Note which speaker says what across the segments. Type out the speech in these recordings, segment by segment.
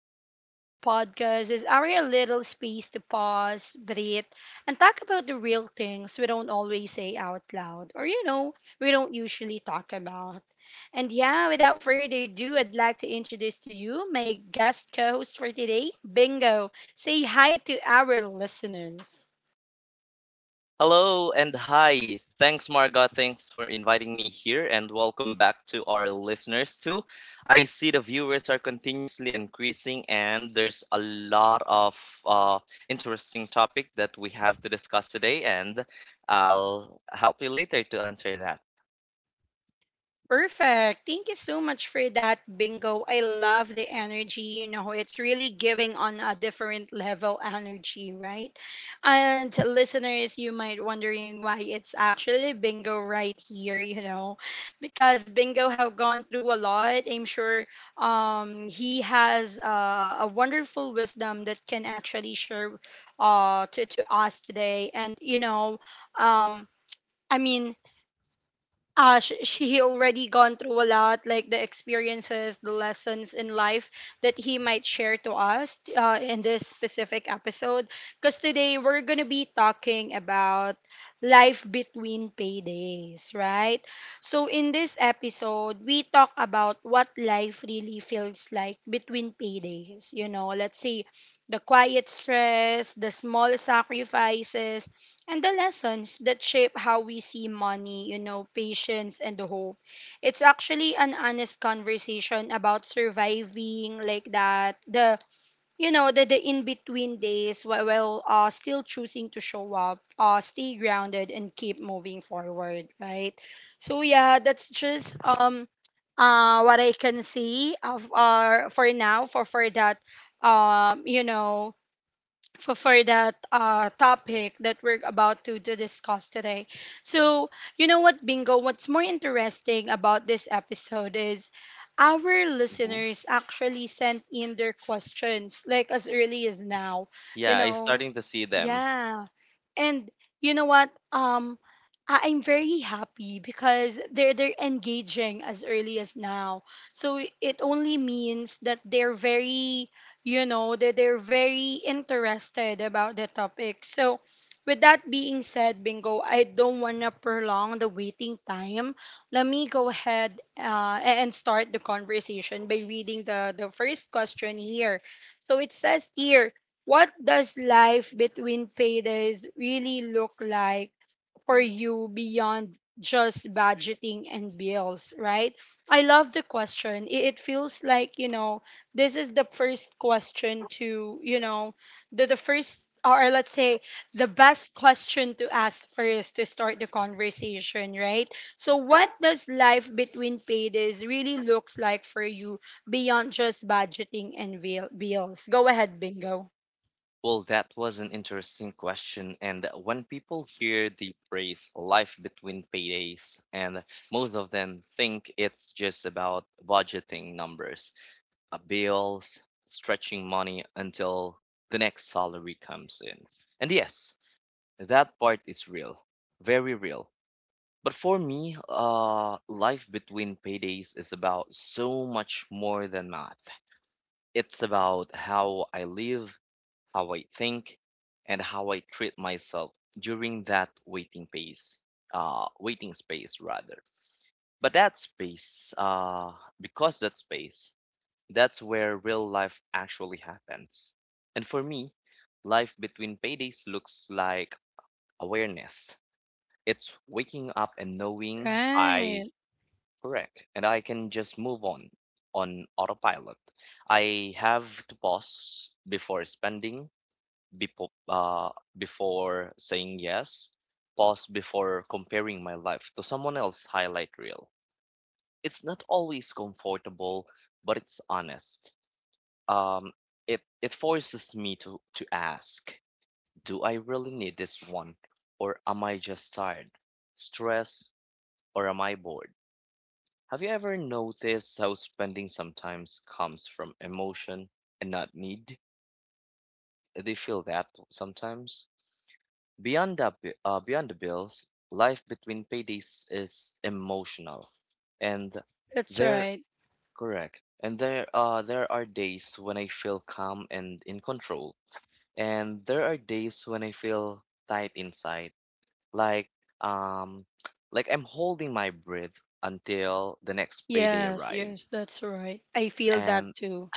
Speaker 1: you know, this podcast is our little space to pause, breathe, and talk about the real things we don't always say out loud or, you know, we don't usually talk about. And yeah, without further ado, I'd like to introduce to you my guest co host for today, Bingo. Say hi to our listeners.
Speaker 2: Hello and hi. Thanks, Marga. Thanks for inviting me here and welcome back to our listeners too. I see the viewers are continuously increasing and there's a lot of interesting topic that we have to discuss today and I'll help you later to answer that.
Speaker 1: Perfect. Thank you so much for that, Bingo. I love the energy. You know, it's really giving on a different level energy, right? And listeners, you might wondering why it's actually Bingo right here, you know, because Bingo have gone through a lot. I'm sure he has a wonderful wisdom that can actually share to us today. And, you know, um, I mean, she already gone through a lot, like the experiences, the lessons in life that he might share to us in this specific episode. Because today we're gonna be talking about life between paydays, right? So in this episode, we talk about what life really feels like between paydays. You know, let's say the quiet stress, the small sacrifices, and the lessons that shape how we see money, you know, patience and hope. It's actually an honest conversation about surviving like that. The you know the in between days while still choosing to show up, stay grounded and keep moving forward, right? So yeah, that's just what I can see of for now for that you know for that topic that we're about to discuss today. So, you know what, Bingo? What's more interesting about this episode is our
Speaker 2: Mhm.
Speaker 1: listeners actually sent in their questions like as early as now. You
Speaker 2: Yeah, I'm
Speaker 1: know,
Speaker 2: starting to see them.
Speaker 1: yeah. And you know what? I'm very happy because they're engaging as early as now. So it only means that they're very, you know, that they're very interested about the topic. So with that being said, Bingo, I don't want to prolong the waiting time. Let me go ahead and start the conversation by reading the first question here. So it says here, what does life between paydays really look like for you beyond just budgeting and bills, right? I love the question. It feels like, you know, this is the first question to, you know, the first, or let's say, the best question to ask first to start the conversation, right? So, what does life between paydays really looks like for you beyond just budgeting and bills? Go ahead, Bingo.
Speaker 2: Well, that was an interesting question. And when people hear the phrase life between paydays, and most of them think it's just about budgeting numbers, bills, stretching money until the next salary comes in. And yes, that part is real, very real. But for me, life between paydays is about so much more than math. It's about how I live, how I think, and how I treat myself during that waiting waiting space rather. But that space, that's where real life actually happens. And for me, life between paydays looks like awareness. It's waking up and knowing I.
Speaker 1: Right.
Speaker 2: Correct. And I can just move on autopilot. I have to pause before spending, before, uh, before saying yes, pause before comparing my life to someone else's highlight reel. It's not always comfortable, but it's honest. Um, it forces me to ask, do I really need this one? Or am I just tired, stressed, or am I bored? Have you ever noticed how spending sometimes comes from emotion and not need? Do you feel that sometimes? Beyond beyond the bills, life between paydays is emotional. And
Speaker 1: That's
Speaker 2: they're
Speaker 1: right.
Speaker 2: correct. And there are days when I feel calm and in control. And there are days when I feel tight inside. Like um like I'm holding my breath until the next payday
Speaker 1: Yes, yes,
Speaker 2: arrives.
Speaker 1: that's right. I feel
Speaker 2: And
Speaker 1: that too.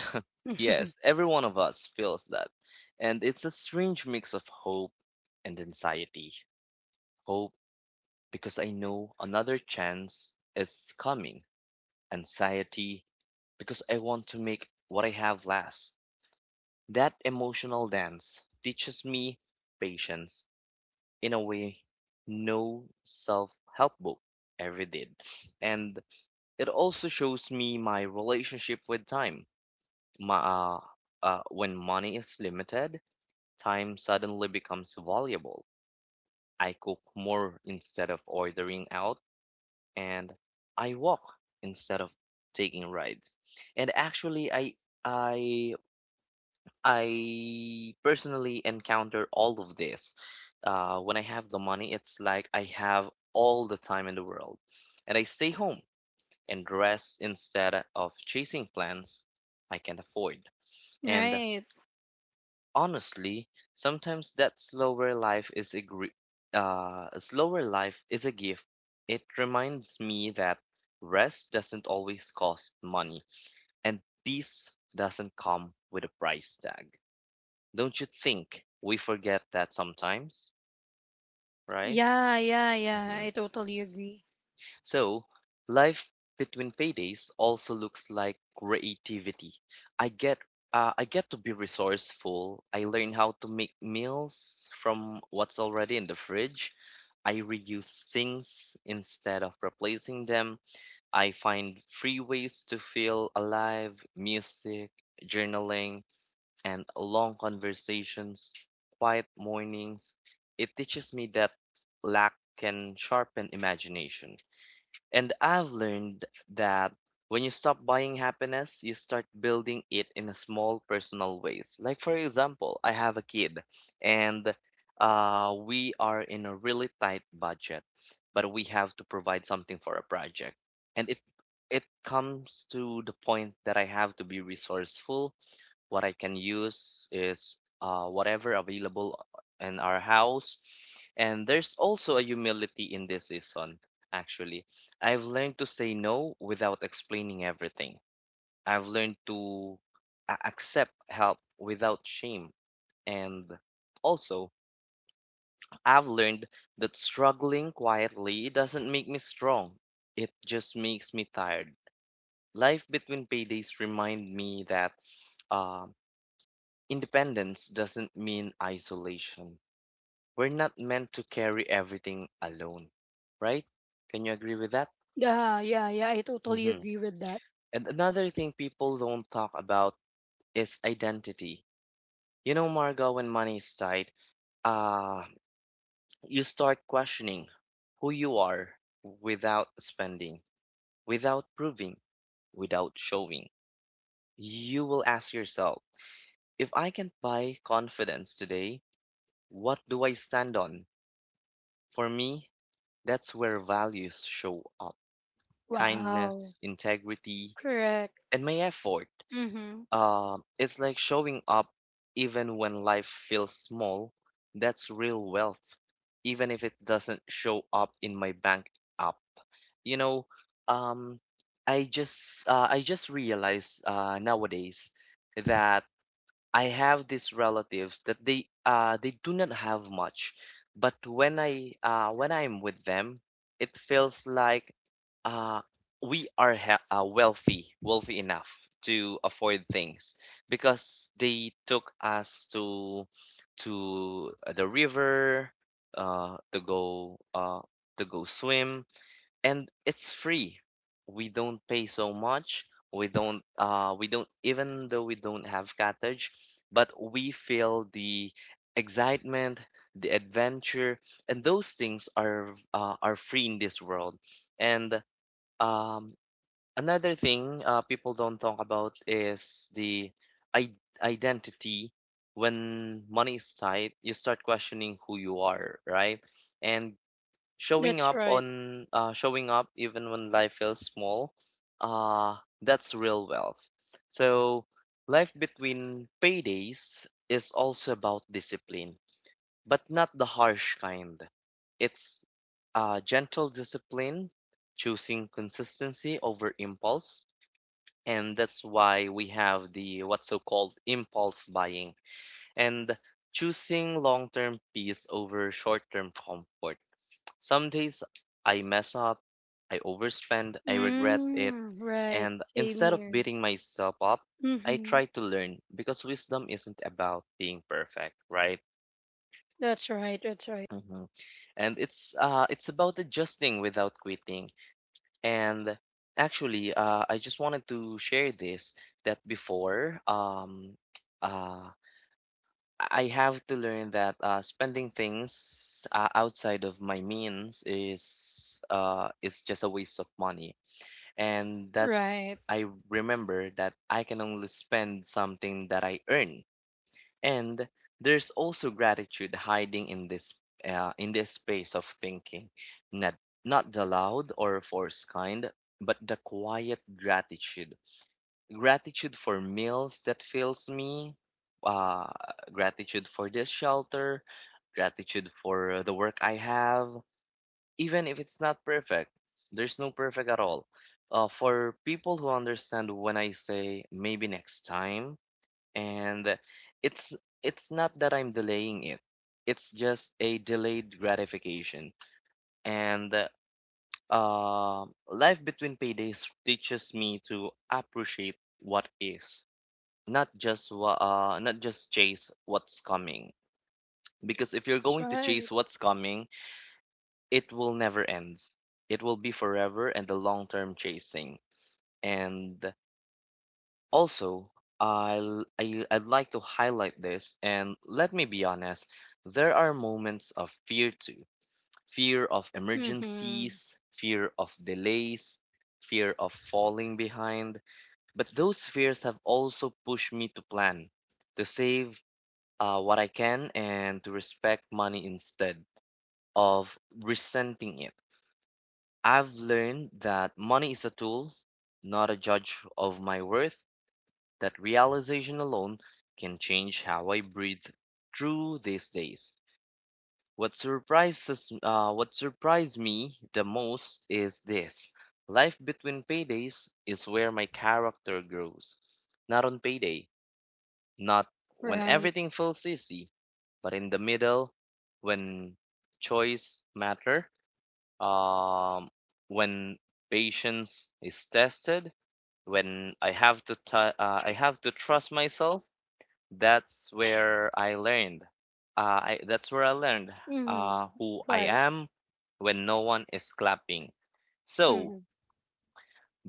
Speaker 2: yes, every one of us feels that. And it's a strange mix of hope and anxiety. Hope because I know another chance is coming. Anxiety because I want to make what I have last. That emotional dance teaches me patience in a way no self-help book ever did. And it also shows me my relationship with time. My, uh, when money is limited, time suddenly becomes valuable. I cook more instead of ordering out, and I walk instead of taking rides. And actually, I I personally encounter all of this. When I have the money, it's like I have all the time in the world, and I stay home and rest instead of chasing plans I can't afford. And
Speaker 1: Right.
Speaker 2: honestly, sometimes that slower life is a gr- a slower life is a gift. It reminds me that rest doesn't always cost money, and peace doesn't come with a price tag. Don't you think we forget that sometimes, right?
Speaker 1: Yeah, yeah, yeah.
Speaker 2: Mm-hmm.
Speaker 1: I totally agree.
Speaker 2: So, life between paydays also looks like creativity. I get I get to be resourceful. I learn how to make meals from what's already in the fridge. I reuse sinks instead of replacing them. I find free ways to feel alive, music, journaling, and long conversations, quiet mornings. It teaches me that lack can sharpen imagination. And I've learned that when you stop buying happiness, you start building it in a small personal ways. Like for example, I have a kid and we are in a really tight budget, but we have to provide something for a project. And it comes to the point that I have to be resourceful what I can use is whatever available in our house. And there's also a humility in this season, actually. I've learned to say no without explaining everything. I've learned to accept help without shame. And also, I've learned that struggling quietly doesn't make me strong. It just makes me tired. Life between paydays remind me that um independence doesn't mean isolation. We're not meant to carry everything alone, right? Can you agree with that?
Speaker 1: Yeah, yeah, yeah. I totally
Speaker 2: Hmm.
Speaker 1: agree with that.
Speaker 2: And another thing people don't talk about is identity. You know, Margo, when money is tight, uh, you start questioning who you are without spending, without proving, without showing. You will ask yourself, if I can buy confidence today, what do I stand on? For me, that's where values show up
Speaker 1: Wow.
Speaker 2: kindness, integrity,
Speaker 1: Correct.
Speaker 2: and my effort.
Speaker 1: Mm-hmm.
Speaker 2: It's like showing up even when life feels small. That's real wealth, even if it doesn't show up in my bank app. You know, um, I just realized nowadays that I have these relatives that they do not have much, but when I when I'm with them, it feels like uh we are wealthy enough to afford things because they took us to the river, uh to go uh to go swim and it's free. We don't pay so much. We don't even though we don't have cottage, but we feel the excitement, the adventure, and those things are free in this world. And um another thing people don't talk about is the identity. When money is tight, you start questioning who you are, right? And
Speaker 1: That's right.
Speaker 2: showing up even when life feels small uh that's real wealth so life between paydays is also about discipline but not the harsh kind it's gentle discipline choosing consistency over impulse and that's why we have the what's so called impulse buying and choosing long-term peace over short-term comfort. Some days I mess up, I overspend, I regret it,
Speaker 1: Mm, right.
Speaker 2: and
Speaker 1: Same
Speaker 2: instead of
Speaker 1: here.
Speaker 2: beating myself up, I
Speaker 1: Mm-hmm.
Speaker 2: try to learn because wisdom isn't about being perfect, right?
Speaker 1: That's right. That's right.
Speaker 2: Hmm. And it's about adjusting without quitting. And actually, I just wanted to share this that before uh I have to learn that spending things outside of my means is just a waste of money and that's
Speaker 1: Right.
Speaker 2: I remember that I can only spend something that I earn. And there's also gratitude hiding in this space of thinking, not not the loud or forced kind, but the quiet gratitude. Gratitude for meals that fills me, uh, gratitude for this shelter, gratitude for the work I have, even if it's not perfect. There's no perfect at all. For people who understand when I say maybe next time, and it's it's not that I'm delaying it. It's just a delayed gratification. And life between paydays teaches me to appreciate what is, not just not just chase what's coming. Because if you're
Speaker 1: That's
Speaker 2: going to
Speaker 1: right.
Speaker 2: chase what's coming, it will never end. It will be forever and the long-term chasing. And also, I'd like to highlight this, and let me be honest, there are moments of fear too. Fear of
Speaker 1: Mm-hmm.
Speaker 2: emergencies, fear of delays, fear of falling behind. But those fears have also pushed me to plan, to save what I can, and to respect money instead of resenting it. I've learned that money is a tool, not a judge of my worth. That realization alone can change how I breathe through these days. What surprised me the most is this. Life between paydays is where my character grows. Not on payday, not when
Speaker 1: Right.
Speaker 2: everything feels easy, but in the middle when choice matter um, when patience is tested when I have to trust myself. That's where I learned uh, I, that's where i learned
Speaker 1: Mm-hmm.
Speaker 2: who I
Speaker 1: Right.
Speaker 2: am when no one is clapping. So
Speaker 1: Mm-hmm.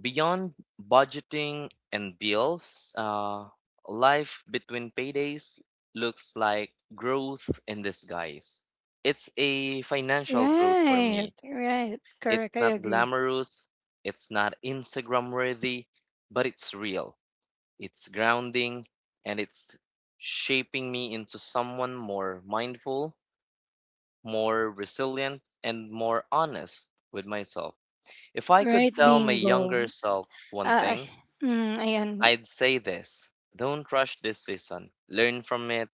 Speaker 2: beyond budgeting and bills life between paydays looks like growth in disguise. It's a financial growth for
Speaker 1: Right,
Speaker 2: me.
Speaker 1: right.
Speaker 2: It's
Speaker 1: Correct. I
Speaker 2: not
Speaker 1: agree.
Speaker 2: glamorous, it's not Instagram worthy, but it's real. It's grounding and it's shaping me into someone more mindful, more resilient, and more honest with myself. If I could
Speaker 1: Right,
Speaker 2: tell my
Speaker 1: bingo.
Speaker 2: younger self one
Speaker 1: Uh, I,
Speaker 2: thing,
Speaker 1: ayan.
Speaker 2: I'd say this. Don't rush this season. Learn from it.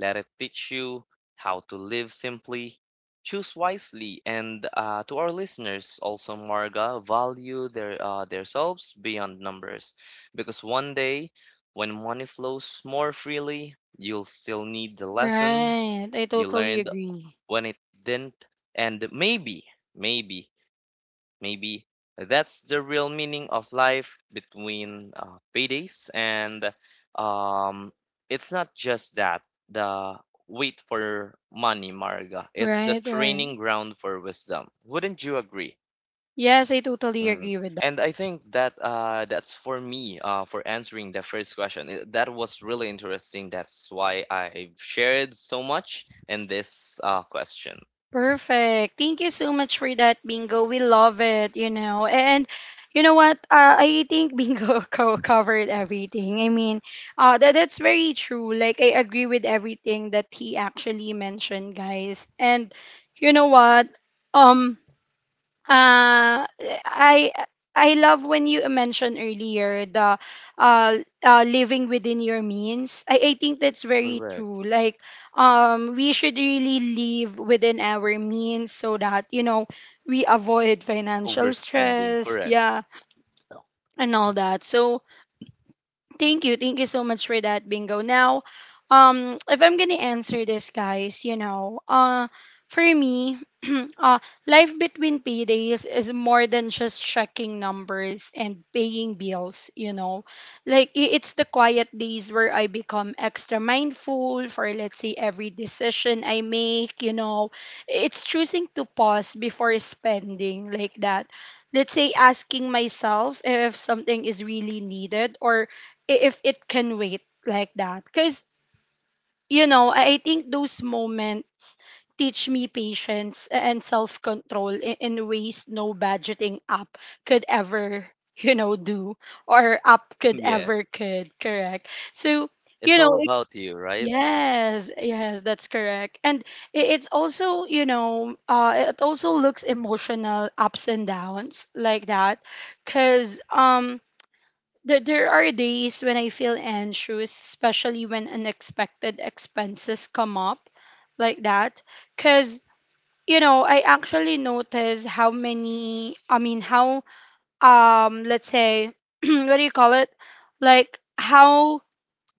Speaker 2: Let it teach you how to live simply, choose wisely, and to our listeners also, Marga, value their themselves beyond numbers, because one day when money flows more freely, you'll still need the lessons
Speaker 1: Right. I
Speaker 2: you
Speaker 1: totally
Speaker 2: learned
Speaker 1: agree.
Speaker 2: when it didn't, and maybe Maybe that's the real meaning of life between paydays, and um, it's not just that the wait for money, Marga. It's the
Speaker 1: Right,
Speaker 2: training
Speaker 1: right.
Speaker 2: ground for wisdom. Wouldn't you agree?
Speaker 1: Yes, I totally
Speaker 2: Mm.
Speaker 1: agree with that.
Speaker 2: And I think that that's for me for answering the first question. That was really interesting. That's why I've shared so much in this question.
Speaker 1: Perfect. Thank you so much for that bingo. We love it, you know. And you know what? I think bingo covered everything. I mean, that that's very true. Like I agree with everything that he actually mentioned, guys. And you know what? Um Uh, I I love when you mentioned earlier the uh, living within your means. I think that's very
Speaker 2: Correct.
Speaker 1: true. Like we should really live within our means so that you know we avoid financial
Speaker 2: Overspending.
Speaker 1: stress,
Speaker 2: Correct.
Speaker 1: yeah, and all that. So Thank you. Thank you so much for that, Bingo. Now, if I'm gonna answer this, guys, you know, for me, uh, life between paydays is more than just checking numbers and paying bills, you know. Like, it's the quiet days where I become extra mindful for, let's say, every decision I make, you know. It's choosing to pause before spending, like that. Let's say asking myself if something is really needed or if it can wait like that. Because, you know, I think those moments teach me patience and self control in ways no budgeting app could ever, you know, do or app could
Speaker 2: Yeah.
Speaker 1: ever could, correct? So, you
Speaker 2: It's
Speaker 1: know,
Speaker 2: all
Speaker 1: it,
Speaker 2: about you, right?
Speaker 1: yes, yes, that's correct. And it's also, you know, it also looks emotional ups and downs like that. Because, there are days when I feel anxious, especially when unexpected expenses come up like that. Because, you know, I actually notice how many, I mean, how, let's say, what do you call it? Like, how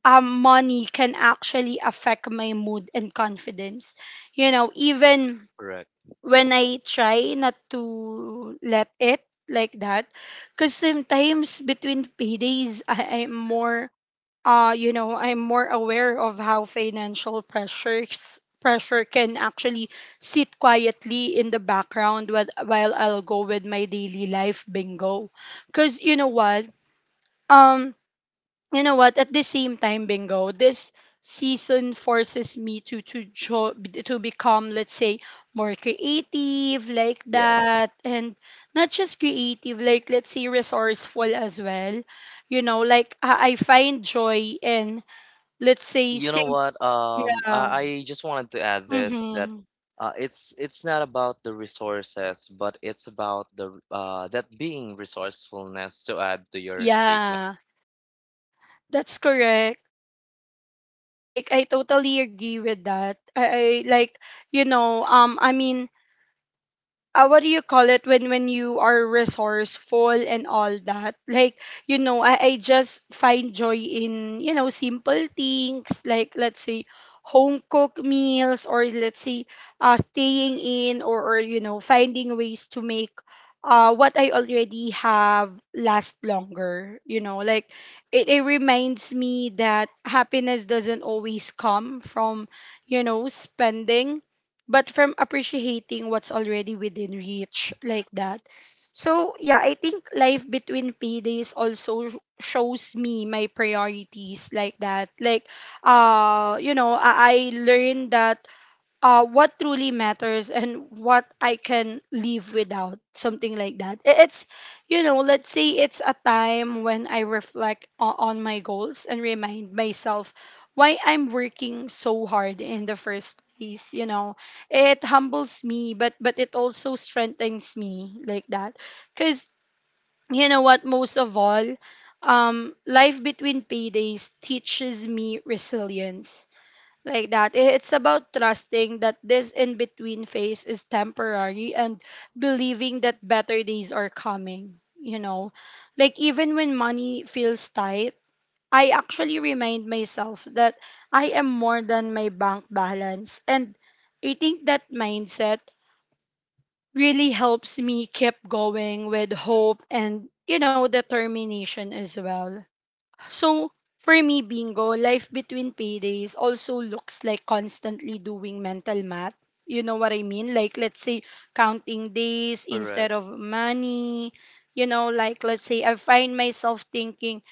Speaker 1: money can actually affect my mood and confidence. You know, even
Speaker 2: Correct.
Speaker 1: when I try not to let it like that. Because sometimes between paydays, I'm more, you know, I'm more aware of how financial pressures pressure can actually sit quietly in the background while I'll go with my daily life bingo. Because you know what? Um, you know what at the same time bingo this season forces me to become let's say more creative like
Speaker 2: Yes.
Speaker 1: that and not just creative like let's say resourceful as well you know like I find joy in let's say
Speaker 2: You know what?
Speaker 1: yeah
Speaker 2: I just wanted to add this that
Speaker 1: mm-hmm.
Speaker 2: it's not about the resources, but it's about the that being resourcefulness to add to your statement.
Speaker 1: yeah that's correct like I totally agree with that I like you know I mean what do you call it when you are resourceful and all that like you know I just find joy in you know simple things like let's say home cooked meals or let's say staying in or you know finding ways to make what I already have last longer you know like it reminds me that happiness doesn't always come from you know spending but from appreciating what's already within reach like that. So, yeah, I think life between paydays also shows me my priorities like that. Like, you know, I learned that what truly matters and what I can live without, something like that. It's, you know, let's say it's a time when I reflect on my goals and remind myself why I'm working so hard in the first place. You know, it humbles me, but it also strengthens me like that. Cause you know what, most of all, life between paydays teaches me resilience like that. It's about trusting that this in between phase is temporary and believing that better days are coming, you know. Like, even when money feels tight, I actually remind myself that I am more than my bank balance. And I think that mindset really helps me keep going with hope and, you know, determination as well. So, for me, bingo, life between paydays also looks like constantly doing mental math. You know what I mean? Like, let's say, counting days instead
Speaker 2: Correct.
Speaker 1: of money. You know, like, let's say, I find myself thinking,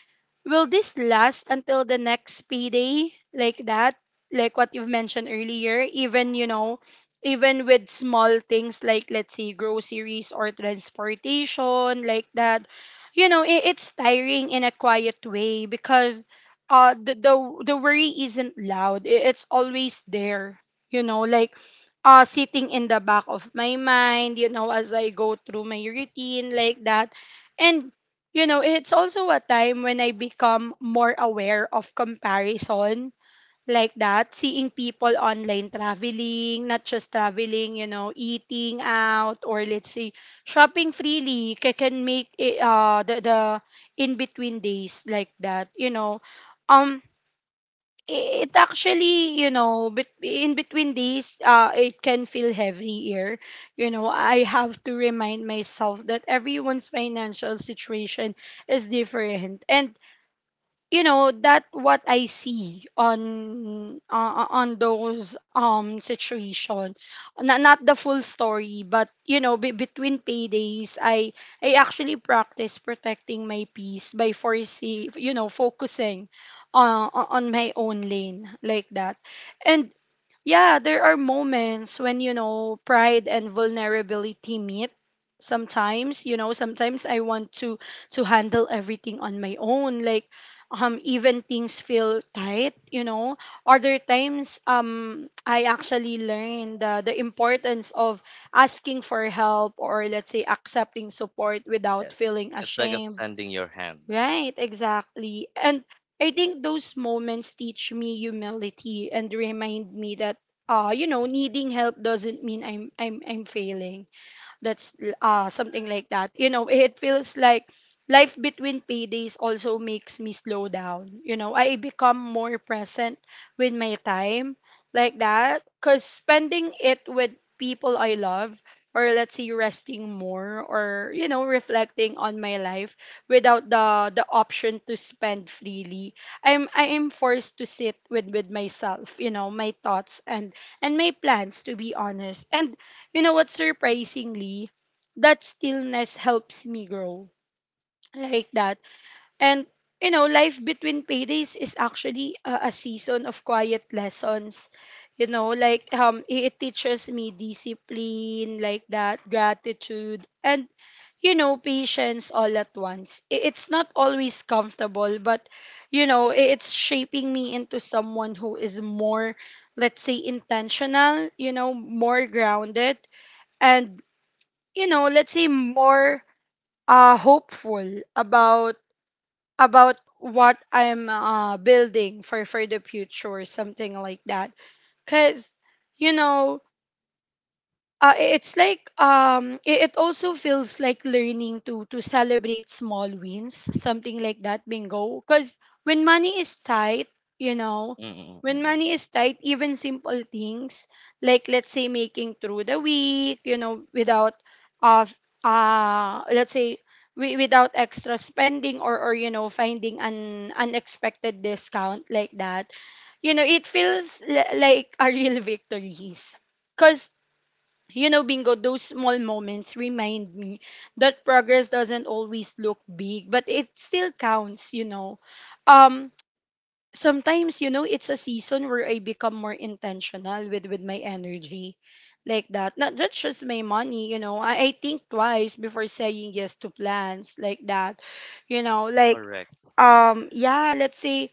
Speaker 1: will this last until the next payday like that? Like what you've mentioned earlier, even, you know, even with small things like, let's say, groceries or transportation, like that, you know, it, it's tiring in a quiet way because the worry isn't loud. It's always there, you know, like sitting in the back of my mind, you know, as I go through my routine, like that. And you know, it's also a time when I become more aware of comparison like that, seeing people online traveling, not just traveling, you know, eating out or let's say shopping freely can make it, the in between days like that, you know. Um it actually you know in between these it can feel heavier you know I have to remind myself that everyone's financial situation is different and you know that what I see on those situation not the full story but you know be between paydays i actually practice protecting my peace by foresee you know focusing on my own lane like that and yeah, there are moments when, you know, pride and vulnerability meet. Sometimes, you know, sometimes I want to handle everything on my own. Like even things feel tight, you know. Other times I actually learned the importance of asking for help or let's say accepting support without
Speaker 2: Yes.
Speaker 1: feeling
Speaker 2: It's like
Speaker 1: ashamed.
Speaker 2: extending your hand.
Speaker 1: Right, exactly. And I think those moments teach me humility and remind me that you know, needing help doesn't mean I'm failing. Something like that. You know, it feels like life between paydays also makes me slow down. You know, I become more present with my time like that because spending it with people I love, or let's say resting more, or you know reflecting on my life without the option to spend freely, I am forced to sit with myself, you know, my thoughts and my plans, to be honest. And you know what, surprisingly that stillness helps me grow, like that. And you know, life between paydays is actually a season of quiet lessons. You know, like it teaches me discipline, like that, gratitude, and you know patience, all at once. It's not always comfortable, but you know it's shaping me into someone who is more, let's say, intentional, you know, more grounded, and you know, let's say more hopeful about what I'm building for the future, something like that. Cause you know, it's like it also feels like learning to celebrate small wins, something like that, bingo. Because when money is tight, you know, when
Speaker 2: Mm-mm-mm.
Speaker 1: money is tight, even simple things, like let's say making through the week, you know, without uh f- let's say we without extra spending, or you know finding an unexpected discount, like that, you know it feels like a real victories. Because you know, bingo, those small moments remind me that progress doesn't always look big, but it still counts, you know. Um, Sometimes, you know, it's a season where I become more intentional with my energy, like that. Not, not just my money, you know. I think twice before saying yes to plans, like that. You know, like
Speaker 2: Correct.
Speaker 1: yeah, let's say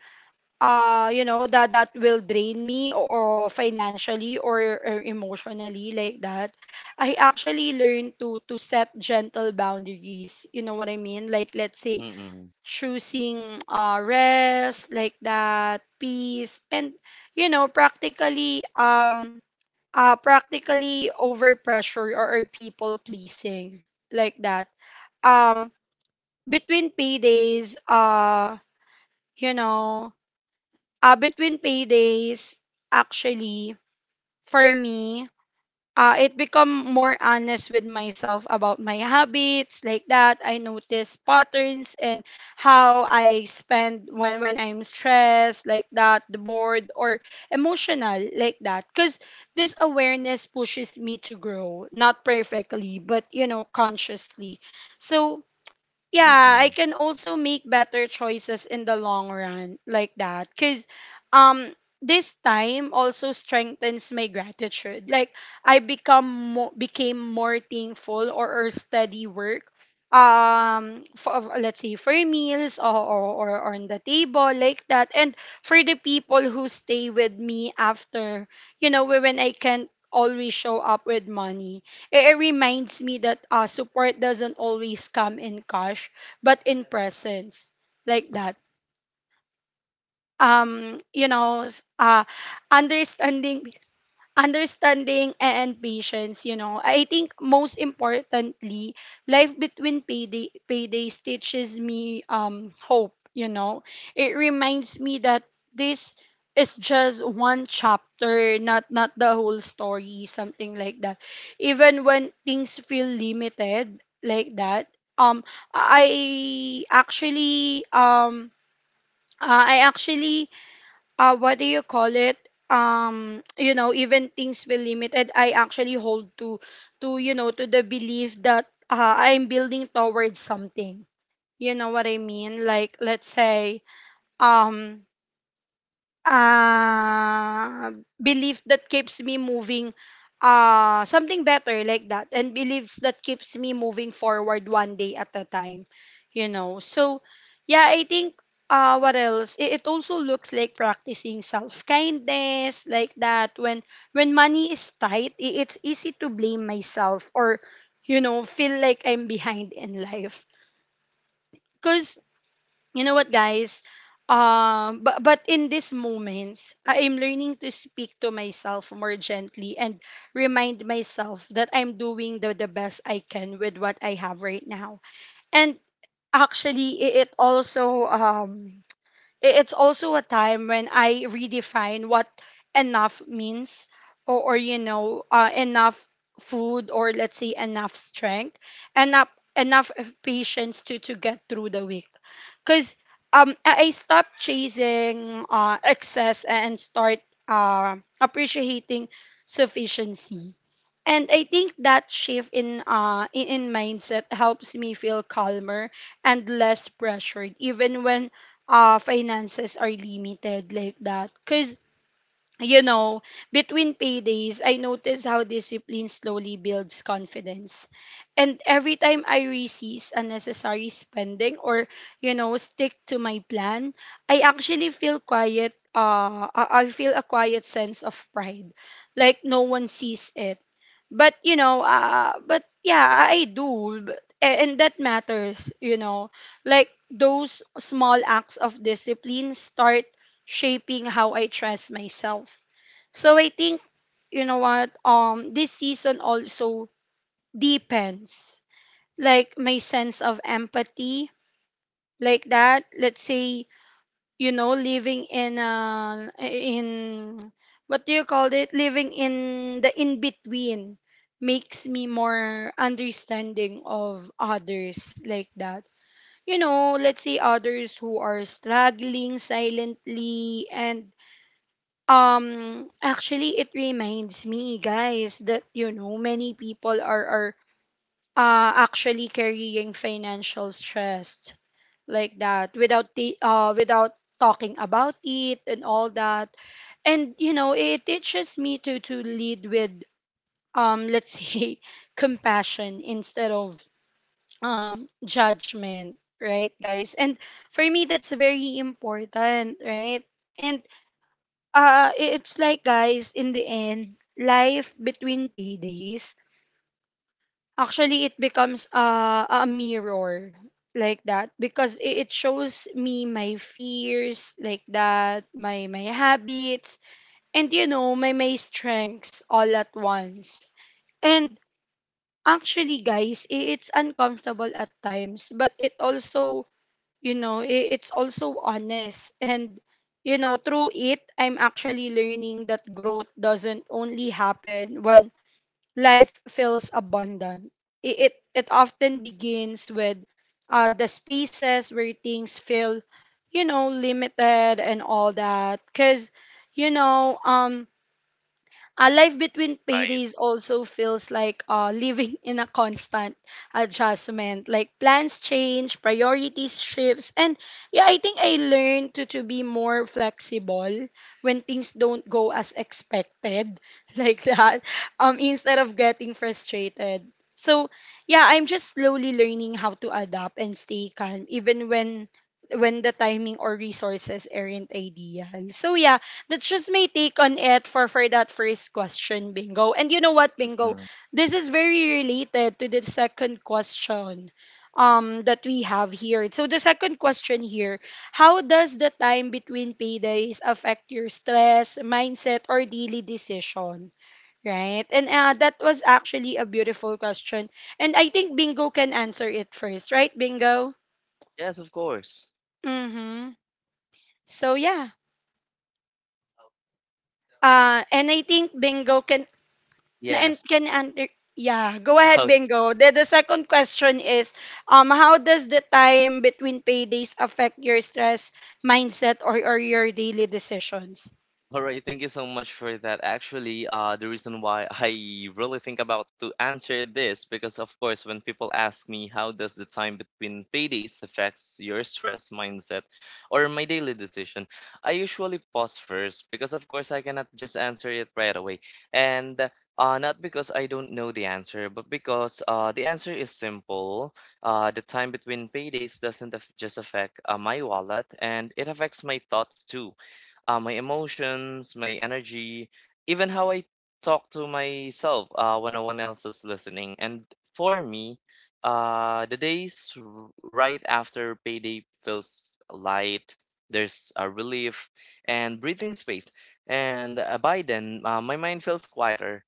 Speaker 1: you know that will drain me or financially or emotionally, like that. I actually learned to set gentle boundaries, you know what I mean, like let's say
Speaker 2: Mm-mm.
Speaker 1: choosing rest, like that, peace, and you know practically, practically over pressure, or people pleasing, like that. um Between paydays, you know between paydays, actually, for me, it become more honest with myself about my habits, like that. I notice patterns and how I spend when I'm stressed, like that, bored or emotional, like that. Cause this awareness pushes me to grow, not perfectly, but you know, consciously. So yeah, I
Speaker 2: Mm-mm.
Speaker 1: can also make better choices in the long run, like that, cuz um this time also strengthens my gratitude. Like I become became more thankful or steady work, for let's say for meals, or on the table, like that, and for the people who stay with me after, you know, when I can't always show up with money. It reminds me that support doesn't always come in cash, but in presence, like that. Um, you know, s- uh, understanding understanding and patience, you know. I think most importantly, life between paydays teaches me hope, you know. It reminds me that this is just one chapter, not not the whole story, something like that. Even when things feel limited, like that, um I actually um I actually what do you call it? You know, even things feel limited, I actually hold to the belief that I'm building towards something. You know what I mean? Like, let's say, um, uh, belief that keeps me moving something better, like that, and beliefs that keeps me moving forward one day at a time, you know. So yeah, I think what else, it also looks like practicing self kindness, like that. When money is tight, it's easy to blame myself, or you know feel like I'm behind in life, because you know what, guys, but in these moments I am learning to speak to myself more gently, and remind myself that I'm doing the best I can with what I have right now. And actually, it's also a time when I redefine what enough means, or you know, enough food, or let's say enough strength, enough enough of patience to get through the week. Cause I stopped chasing excess and start appreciating sufficiency. And I think that shift in mindset helps me feel calmer and less pressured, even when finances are limited, like that. Cause you know, between paydays, I notice how discipline slowly builds confidence. And every time I resist unnecessary spending, or, you know, stick to my plan, I feel a quiet sense of pride, like no one sees it, but you know but yeah I do. But, and that matters, you know. Like those small acts of discipline start shaping how I trust myself. So I think, you know what, this season also depends, like my sense of empathy, like that. Let's say you know, living in what do you call it living in the in between makes me more understanding of others, like that, you know. Let's say others who are struggling silently, and actually it reminds me, guys, that you know many people are actually carrying financial stress, like that, without the without talking about it and all that. And you know it teaches me to lead with let's say compassion instead of judgment, right, guys. And for me that's very important, right. And it's like, guys, in the end, life between paydays actually it becomes a mirror, like that, because it shows me my fears, like that, my habits, and you know my strengths all at once. And actually, guys, it's uncomfortable at times, but it also, you know it's also honest. And you know, through it I'm actually learning that growth doesn't only happen when life feels abundant. It often begins with the spaces where things feel, you know, limited and all that. Because, you know, a life between
Speaker 2: Right.
Speaker 1: paydays also feels like living in a constant adjustment. Like plans change, priorities shifts, and yeah, I think I learned to be more flexible when things don't go as expected, like that. Instead of getting frustrated. So yeah, I'm just slowly learning how to adapt and stay calm, even when the timing or resources aren't ideal. So yeah, that's just my take on it for that first question, bingo. And you know what, bingo,
Speaker 2: Mm-mm.
Speaker 1: this is very related to the second question that we have here. So the second question here, how does the time between paydays affect your stress, mindset, or daily decision, right? And that was actually a beautiful question, and I think bingo can answer it first, right, bingo?
Speaker 2: Yes, of course.
Speaker 1: Mm-hmm. So yeah, and I think Bingo can, and
Speaker 2: Yes.
Speaker 1: can answer. Yeah, go ahead, bingo, the second question is how does the time between paydays affect your stress, mindset, or your daily decisions?
Speaker 2: All right, thank you so much for that. Actually, the reason why I really think about to answer this because, of course, when people ask me how does the time between paydays affects your stress mindset or my daily decision, I usually pause first because, of course, I cannot just answer it right away, and not because I don't know the answer, but because the answer is simple. The time between paydays doesn't just affect my wallet, and it affects my thoughts too, my emotions, my energy, even how I talk to myself when no one else is listening. And for me, the days right after payday feels light. There's a relief and breathing space. And by then, my mind feels quieter.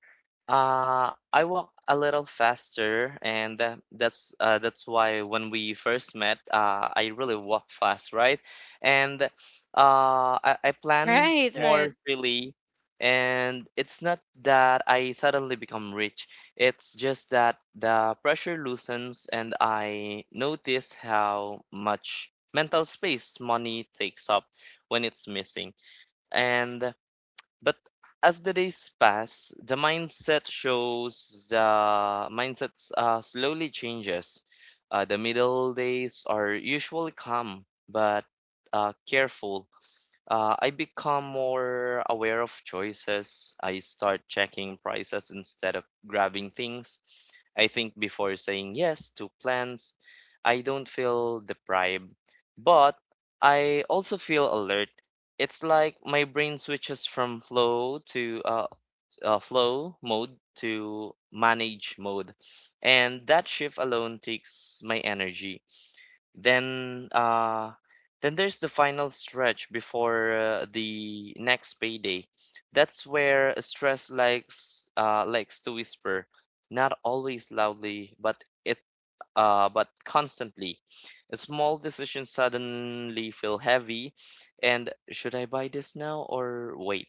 Speaker 2: I walk a little faster, and that's why when we first met, I really walk fast, right? And I plan
Speaker 1: Right. Right.
Speaker 2: more freely, and it's not that I suddenly become rich. It's just that the pressure loosens, and I notice how much mental space money takes up when it's missing. And but as the days pass, the mindsets slowly changes. The middle days are usually calm but careful. I become more aware of choices. I start checking prices instead of grabbing things. I think before saying yes to plans. I don't feel deprived, but I also feel alert. It's like my brain switches from flow mode to manage mode, and that shift alone takes my energy. Then uh then there's the final stretch before the next payday. That's where stress likes to whisper, not always loudly, but constantly. A small decision suddenly feel heavy, and should I buy this now or wait?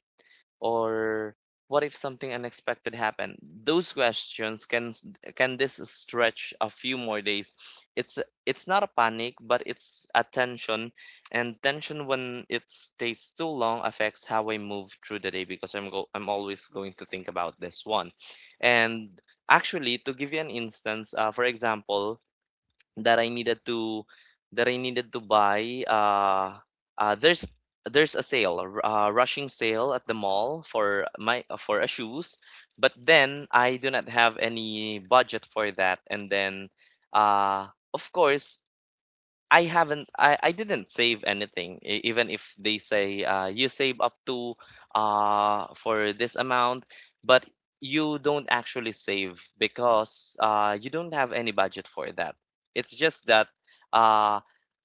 Speaker 2: Or what if something unexpected happened? Those questions can this stretch a few more days. It's it's not a panic, but it's a tension, and tension when it stays too long affects how I move through the day because I'm always going to think about this one. And actually, to give you an instance, for example, that I needed to that I needed to buy. Uh, there's there's a sale, a rushing sale at the mall for my for a shoes, but then I do not have any budget for that, and then, uh, of course, I haven't I didn't save anything, even if they say, you save up to for this amount, but you don't actually save because you don't have any budget for that. It's just that, uh,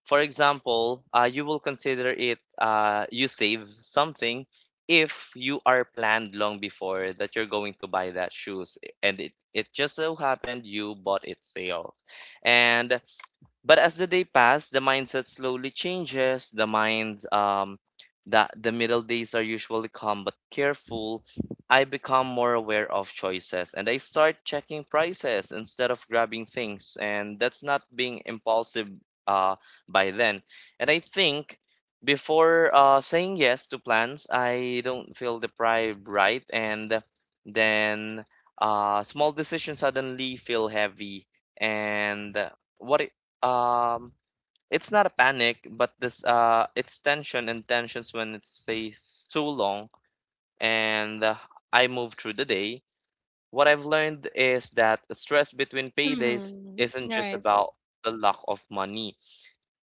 Speaker 2: for example, you will consider it, you save something if you are planned long before that you're going to buy that shoes and it just so happened you bought it sales. And but as the day passed, the mindset slowly changes. The mind, that the middle days are usually calm but careful. I become more aware of choices and I start checking prices instead of grabbing things. And that's not being impulsive, uh, by then. And I think before saying yes to plans, I don't feel deprived, right? And then small decisions suddenly feel heavy. And what um, it's not a panic, but this it's tension, and tensions when it stays too long, and I move through the day. What I've learned is that stress between paydays
Speaker 1: Hmm.
Speaker 2: isn't just
Speaker 1: Right.
Speaker 2: about the lack of money.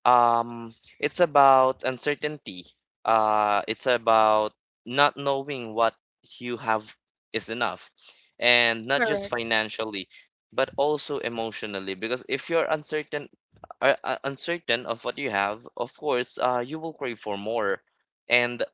Speaker 2: Um, it's about uncertainty. It's about not knowing what you have is enough, and not just
Speaker 1: Correct.
Speaker 2: financially, but also emotionally. Because if you're uncertain, uncertain of what you have, of course, you will crave for more, and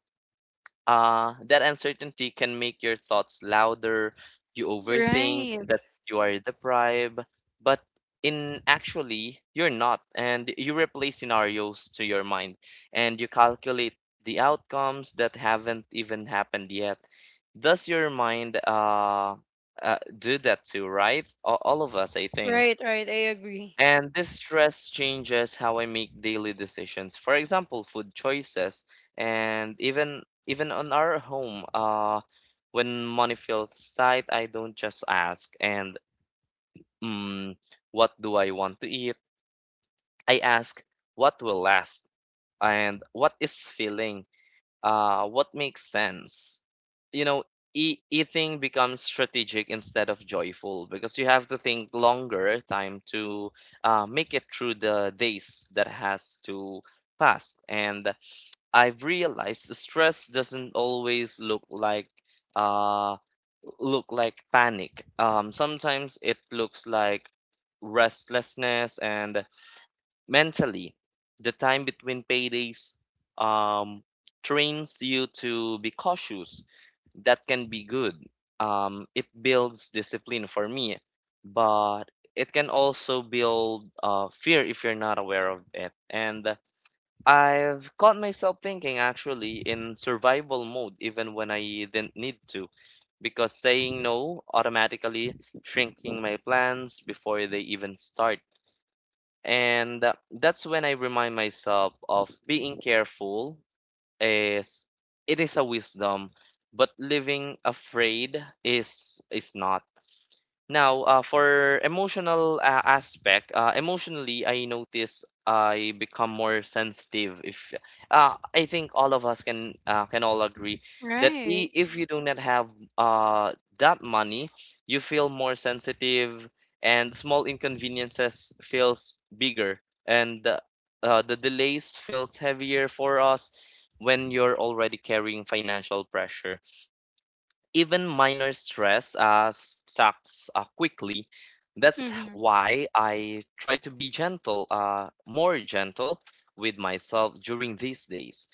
Speaker 2: that uncertainty can make your thoughts louder. You overthink
Speaker 1: Right.
Speaker 2: that you are deprived, but in actually, you're not, and you replay scenarios to your mind, and you calculate the outcomes that haven't even happened yet. Does your mind do that too, right? All of us, I think.
Speaker 1: Right. Right, I agree.
Speaker 2: And this stress changes how I make daily decisions. For example, food choices and even on our home, when money feels tight, I don't just ask, and mm, what do I want to eat? I ask what will last and what is filling, what makes sense. You know, eating becomes strategic instead of joyful because you have to think longer time to make it through the days that has to pass. And I've realized stress doesn't always uh, look like panic. Sometimes it looks like restlessness, and mentally the time between paydays um, trains you to be cautious. That can be good. It builds discipline for me, but it can also build fear if you're not aware of it. And I've caught myself thinking actually in survival mode even when I didn't need to, because saying no automatically, shrinking my plans before they even start. And that's when I remind myself of being careful is, it is a wisdom, but living afraid is not. Now, for emotional aspect, emotionally, I notice I become more sensitive. If, I think all of us can all agree that,
Speaker 1: Right.
Speaker 2: if you do not have that money, you feel more sensitive, and small inconveniences feels bigger, and the delays feels heavier for us when you're already carrying financial pressure. Even minor stress sucks quickly. That's
Speaker 1: Mm-hmm.
Speaker 2: why I try to be gentle, more gentle with myself during these days.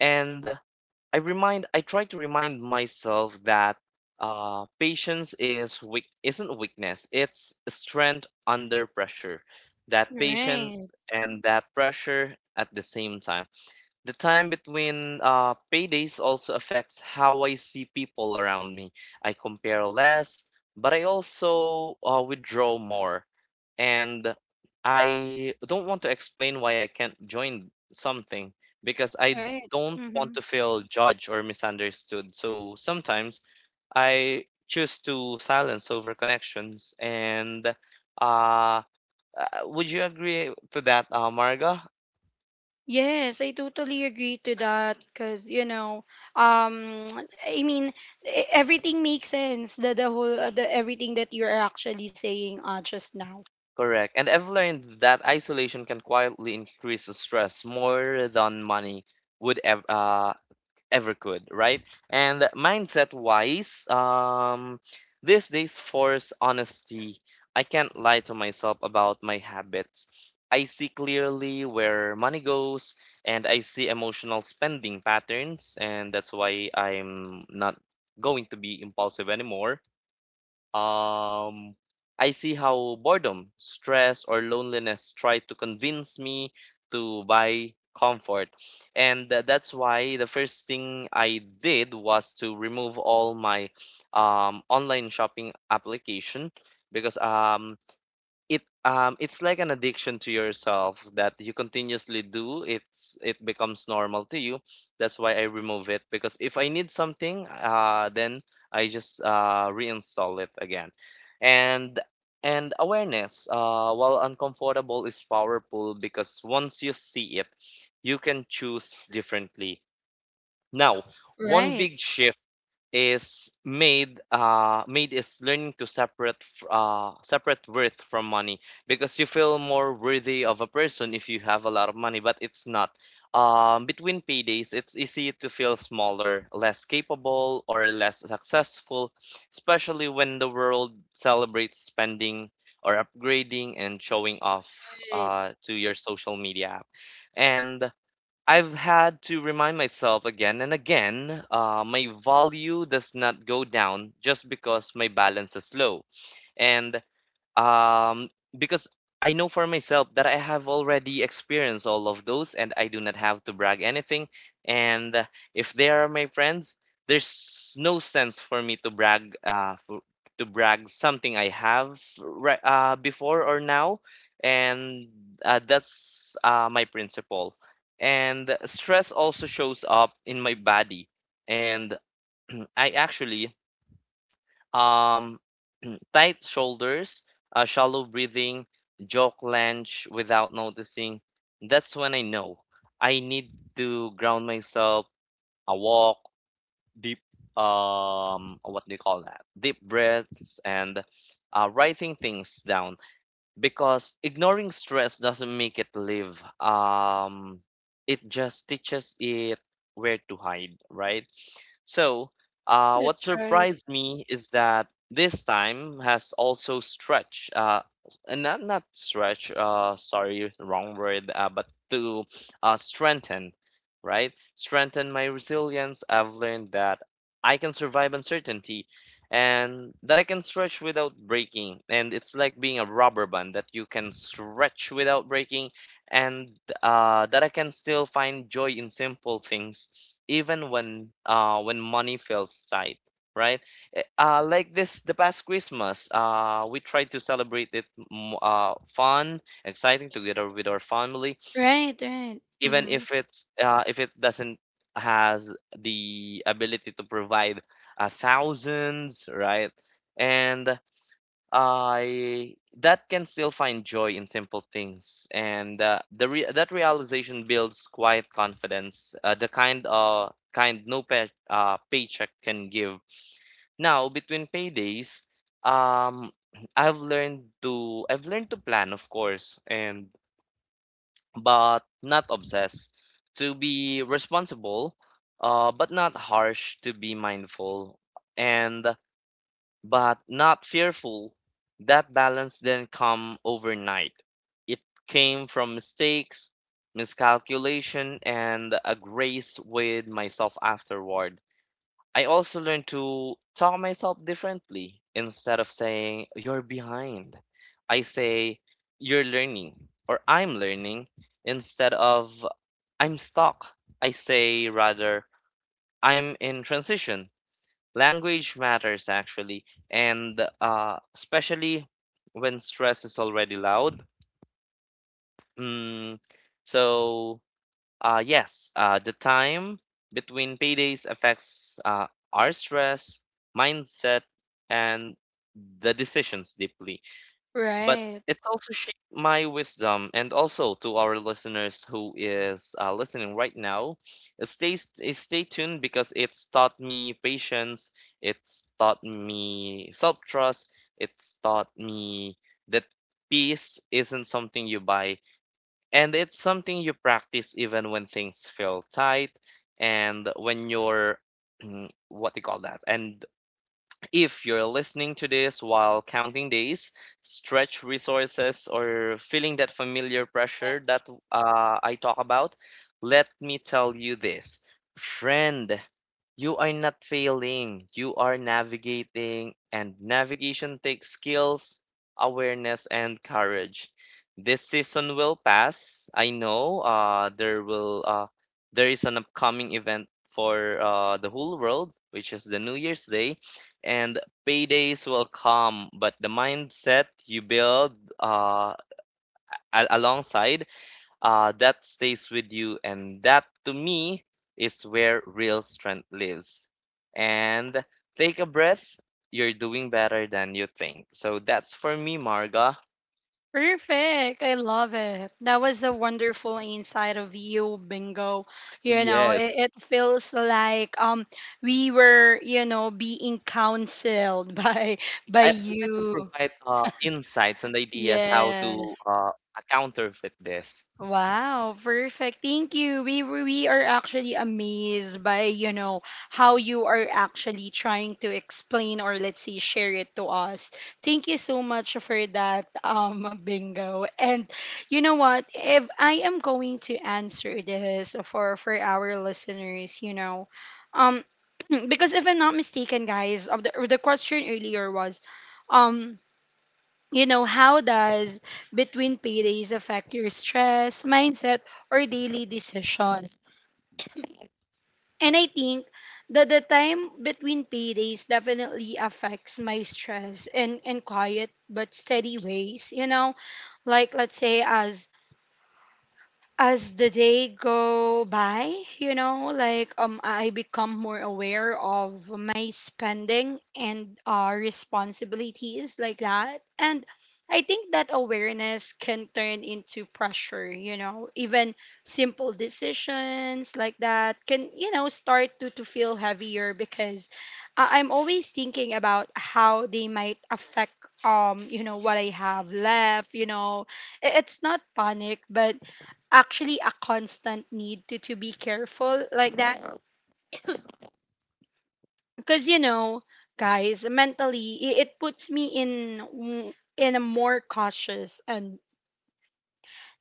Speaker 2: And I try to remind myself that patience isn't weakness. It's strength under pressure. That patience
Speaker 1: Right.
Speaker 2: and that pressure at the same time. The time between paydays also affects how I see people around me. I compare less, but I also withdraw more. And I don't want to explain why I can't join something because I
Speaker 1: Right.
Speaker 2: don't want to feel judged or misunderstood. So sometimes I choose to silence over connections. And uh, uh, would you agree to that, Marga?
Speaker 1: Yes, I totally agree to that, because you know, um, I mean, everything makes sense. The whole the everything that you're actually saying just now.
Speaker 2: Correct. And I've learned that isolation can quietly increase the stress more than money would ever ever could, right? And mindset wise, these days force honesty. I can't lie to myself about my habits. I see clearly where money goes, and I see emotional spending patterns, and that's why I'm not going to be impulsive anymore. Um, I see how boredom, stress, or loneliness try to convince me to buy comfort. And that's why the first thing I did was to remove all my online shopping application, because it's like an addiction to yourself that you continuously do. It's, it becomes normal to you. That's why I remove it, because if I need something, then I just reinstall it again. and and awareness, while uncomfortable, is powerful, because once you see it, you can choose differently. Now, one
Speaker 1: Right.
Speaker 2: big shift is made is learning to separate worth from money, because you feel more worthy of a person if you have a lot of money, but it's not. Between paydays, it's easy to feel smaller, less capable, or less successful, especially when the world celebrates spending or upgrading and showing off
Speaker 1: Right.
Speaker 2: to your social media app. And I've had to remind myself again and again, my value does not go down just because my balance is low. And um, because I know for myself that I have already experienced all of those and I do not have to brag anything. And if they are my friends, there's no sense for me to brag to brag something I have right before or now. And that's my principle. And stress also shows up in my body. And I actually, um, tight shoulders, shallow breathing, jaw clench without noticing. That's when I know I need to ground myself, a walk, deep, what do you call that? Deep breaths and writing things down, because ignoring stress doesn't make it live. It just teaches it where to hide, right? So, what
Speaker 1: That's right.
Speaker 2: surprised me is that this time has also stretched, and not stretch, sorry, wrong word, but to strengthen, right? Strengthen my resilience. I've learned that I can survive uncertainty, and that I can stretch without breaking. And it's like being a rubber band that you can stretch without breaking, and that I can still find joy in simple things, even when money feels tight. Right? Eh, like this, the past Christmas, we tried to celebrate it fun, exciting together with our family,
Speaker 1: Right. Right.
Speaker 2: even
Speaker 1: Mm.
Speaker 2: if it's, if it doesn't has the ability to provide thousands, right? And I that can still find joy in simple things, and that realization builds quiet confidence, the kind no paycheck can give. Now, between paydays, um, I've learned to plan, of course, and but not obsessed, to be responsible, but not harsh, to be mindful, and but not fearful. That balance didn't come overnight. It came from mistakes, miscalculation, and a grace with myself afterward. I also learned to talk myself differently. Instead of saying, you're behind, I say, you're learning or I'm learning. Instead of, I'm stuck, I say rather, I'm in transition. Language matters, actually, and especially when stress is already loud. Mm, so, yes, the time between paydays affects our stress, mindset, and the decisions deeply. But
Speaker 1: Right.
Speaker 2: it's also shaped my wisdom, and also to our listeners who is listening right now, stay tuned, because it's taught me patience, it's taught me self trust, it's taught me that peace isn't something you buy, and it's something you practice even when things feel tight. And when you're what do you call that? And if you're listening to this while counting days, stretch resources, or feeling that familiar pressure that I talk about, let me tell you this. Friend, you are not failing, you are navigating, and navigation takes skills, awareness, and courage. This season will pass. I know there is an upcoming event for the whole world, which is the New Year's Day, and paydays will come, but the mindset you build uh, alongside, that stays with you, and that, to me, is where real strength lives. And take a breath, you're doing better than you think. So that's for me, Marga.
Speaker 1: Perfect. I love it. That was a wonderful insight of you, Bingo. You know, it,
Speaker 2: Yes,
Speaker 1: it feels like we were, you know, being counseled by
Speaker 2: I would like to
Speaker 1: you.
Speaker 2: provide insights and ideas how to
Speaker 1: Yes.
Speaker 2: counterfeit this.
Speaker 1: Wow, perfect. Thank you. We are actually amazed by, you know, how you are actually trying to explain, or let's say share it to us. Thank you so much for that, bingo. And you know what? If I am going to answer this for our listeners, you know, um because if I'm not mistaken, guys, of the question earlier was um you know, how does between paydays affect your stress, mindset, or daily decisions? And I think that the time between paydays definitely affects my stress in quiet but steady ways, you know? Like, let's say, as the day go by, you know, like I become more aware of my spending and responsibilities, like that. And I think that awareness can turn into pressure, you know. Even simple decisions like that can, you know, start to feel heavier because I'm always thinking about how they might affect you know, what I have left, you know. It's not panic, but actually a constant need to be careful like that because you know guys, mentally, it puts me in in a more cautious and,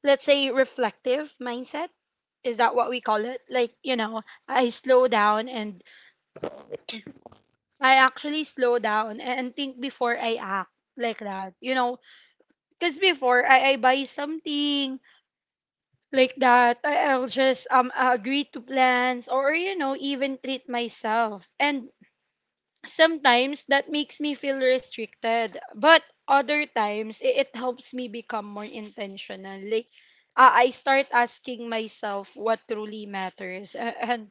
Speaker 1: let's say, reflective mindset. Is that what we call it? Like, you know, i slow down and I actually slow down and think before I act like that, you know. Because before I buy something like that, I'll just agree to plans, or you know, even treat myself, and sometimes that makes me feel restricted. But other times, it helps me become more intentional. Like, I start asking myself what truly matters, and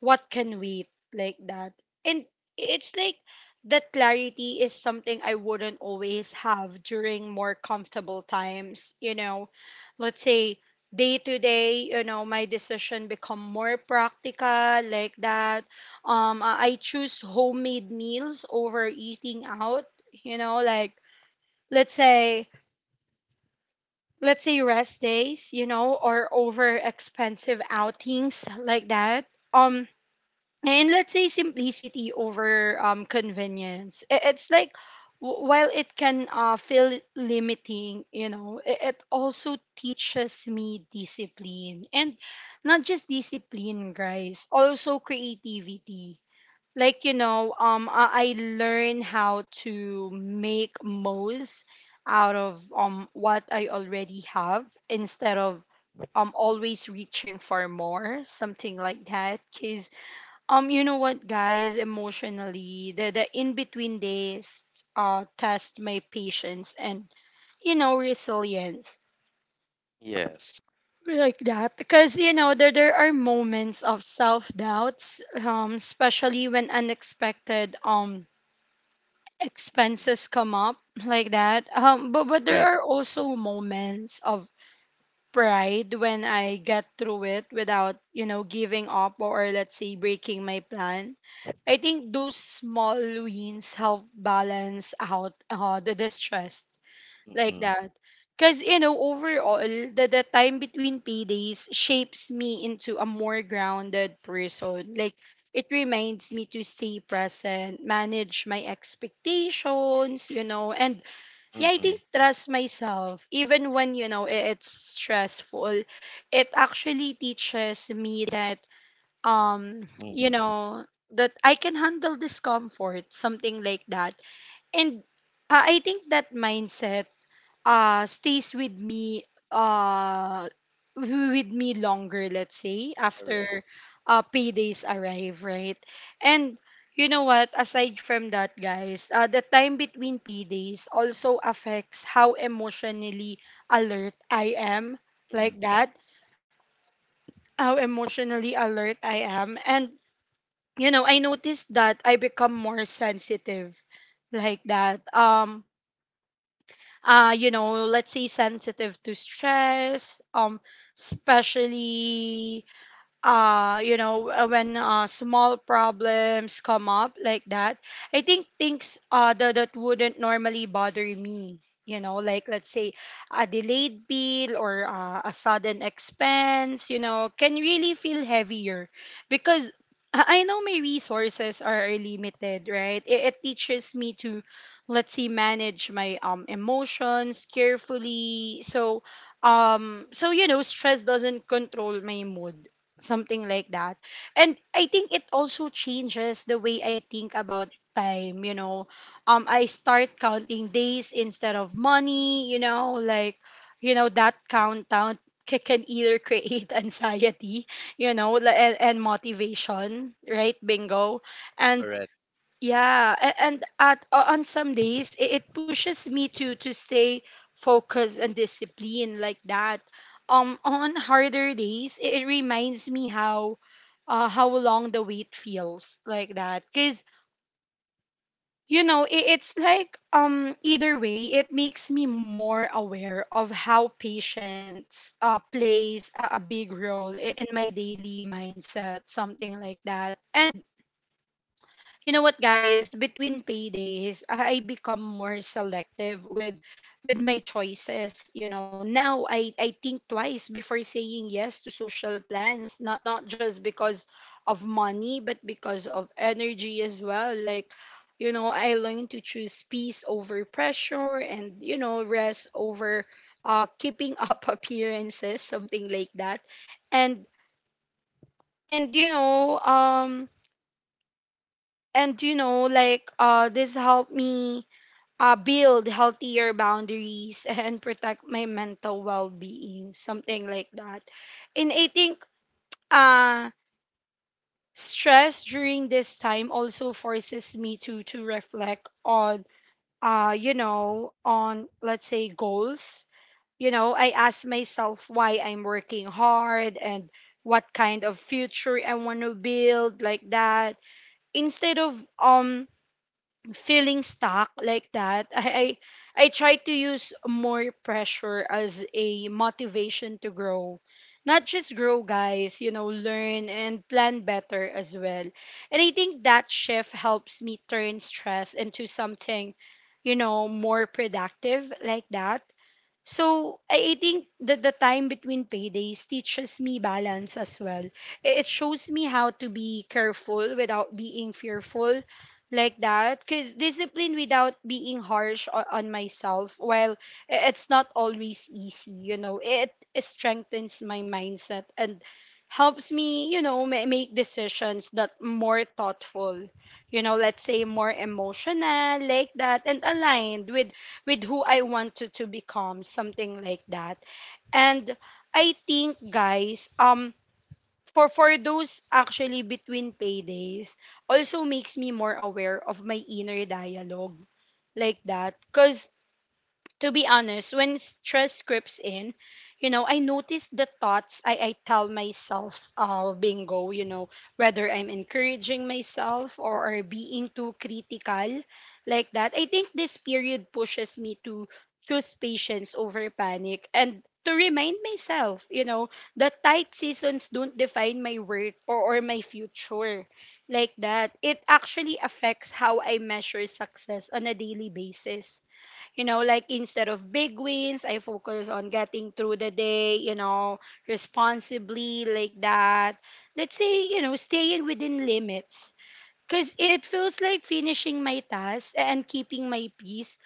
Speaker 1: what can wait, like that. And it's like that clarity is something I wouldn't always have during more comfortable times. You know, let's say day to day, you know, my decision become more practical, like that. I choose homemade meals over eating out. You know, like, let's say, rest days. You know, or over expensive outings like that. Um, and let's say simplicity over convenience. It's like while it can feel limiting, you know, it also teaches me discipline, and not just discipline, guys, also creativity, like, you know. I learn how to make most out of what I already have, instead of always reaching for more, something like that. Cuz you know what, guys, emotionally, the in between days test my patience and, you know, resilience,
Speaker 2: Yes.
Speaker 1: like that. Because you know, there are moments of self doubts, especially when unexpected
Speaker 2: Mhm.
Speaker 1: expenses come up like that. But there
Speaker 2: Right.
Speaker 1: are also moments of pride when I get through it without, you know, giving up or, let's say, breaking my plan. I think those small wins help balance out, the distress, like
Speaker 2: Mm-mm,
Speaker 1: that. Because, you know, overall, the time between paydays shapes me into a more grounded person. Like, it reminds me to stay present, manage my expectations, you know, and yeah, I
Speaker 2: mm-mm,
Speaker 1: think trust myself. Even when, you know, it's stressful, it actually teaches me that, you
Speaker 2: mm-mm.
Speaker 1: know, that I can handle discomfort, something like that. And I think that mindset stays with me, uh with me longer, let's say after
Speaker 2: Correct.
Speaker 1: paydays arrive, right? And you know what, aside from that, guys, the time between paydays also affects how emotionally alert I am, like that. How emotionally alert I am. And you know, I noticed that I become more sensitive, like that. You know, let's say sensitive to stress, especially you know, when, small problems come up like that. I think things that wouldn't normally bother me, you know, like, let's say, a delayed bill or, a sudden expense, you know, can really feel heavier because I know my resources are limited, right? It teaches me to, let's say, manage my emotions carefully, so so you know, stress doesn't control my mood, something like that. And I think it also changes the way I think about time, you know. Um, I start counting days instead of money, you know, like, you know, that countdown can either create anxiety, you know, and motivation, right? Bingo. And
Speaker 2: Correct.
Speaker 1: yeah, and at on some days, it pushes me to stay focused and disciplined, like that. On harder days, it reminds me how, how long the wait feels, like that. Cause you know, it's like, either way, it makes me more aware of how patience plays a big role
Speaker 2: Mm.
Speaker 1: in my daily mindset, something like that. And you know what, guys, between paydays, I become more selective with my choices. You know, now I think twice before saying yes to social plans, not just because of money, but because of energy as well. Like, you know, I learned to choose peace over pressure, and you know, rest over keeping up appearances, something like that. And and you know um and you know, like, this helped me, build healthier boundaries and protect my mental well-being, something like that. And I think, uh stress during this time also forces me to reflect on, you know, on, let's say, goals. You know, I ask myself why I'm working hard, and what kind of future I want to build, like that. Instead of, um feeling stuck like that, I try to use more pressure as a motivation to grow. Not just grow, guys, you know, learn and plan better as well. And I think that shift helps me turn stress into something, you know, more productive, like that. So I think that the time between paydays teaches me balance as well. It shows me how to be careful without being fearful, like that. Because discipline without being harsh on myself, while it's not always easy, you know, it strengthens my mindset and helps me, you know, make decisions that more thoughtful. You know, let's say, more emotional, like that, and aligned with who I wanted to become, something like that. And I think, guys, for those actually between paydays, also makes me more aware of my inner dialogue, like that, cause, to be honest, when stress creeps in, you know, I notice the thoughts I tell myself, bingo, you know, whether I'm encouraging myself, or being too critical, like that. I think this period pushes me to choose patience over panic, and to remind myself, you know, that tight seasons don't define my worth, or my future, like that. It actually affects how I measure success on a daily basis. You know, like, instead of big wins, I focus on getting through the day, you know, responsibly, like that. Let's say, you know, staying within limits. Because it feels like finishing my task and keeping my peace,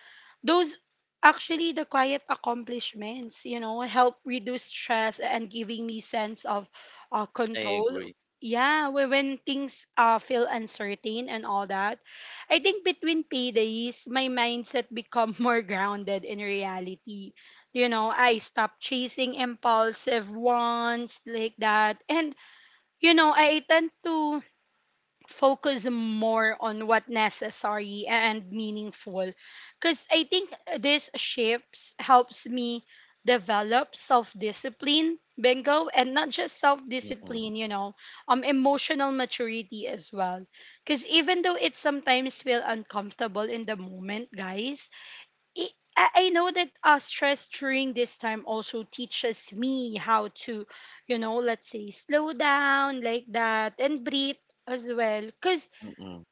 Speaker 1: those actually the quiet accomplishments, you know, help reduce stress and giving me sense of,
Speaker 2: I
Speaker 1: control.
Speaker 2: agree.
Speaker 1: Yeah, when things, feel uncertain, and all that. I think between paydays, my mindset become more grounded in reality. You know, I stop chasing impulsive wants, like that. And, you know, I tend to focus more on what necessary and meaningful, because I think this shifts helps me develop self-discipline, bingo, and not just
Speaker 2: Mm-mm.
Speaker 1: self-discipline, you know, emotional maturity as well. Because even though it sometimes feel uncomfortable in the moment, guys, it, I know that, stress during this time also teaches me how to, you know, let's say, slow down like that, and breathe as well. Cause
Speaker 2: Mm-mm.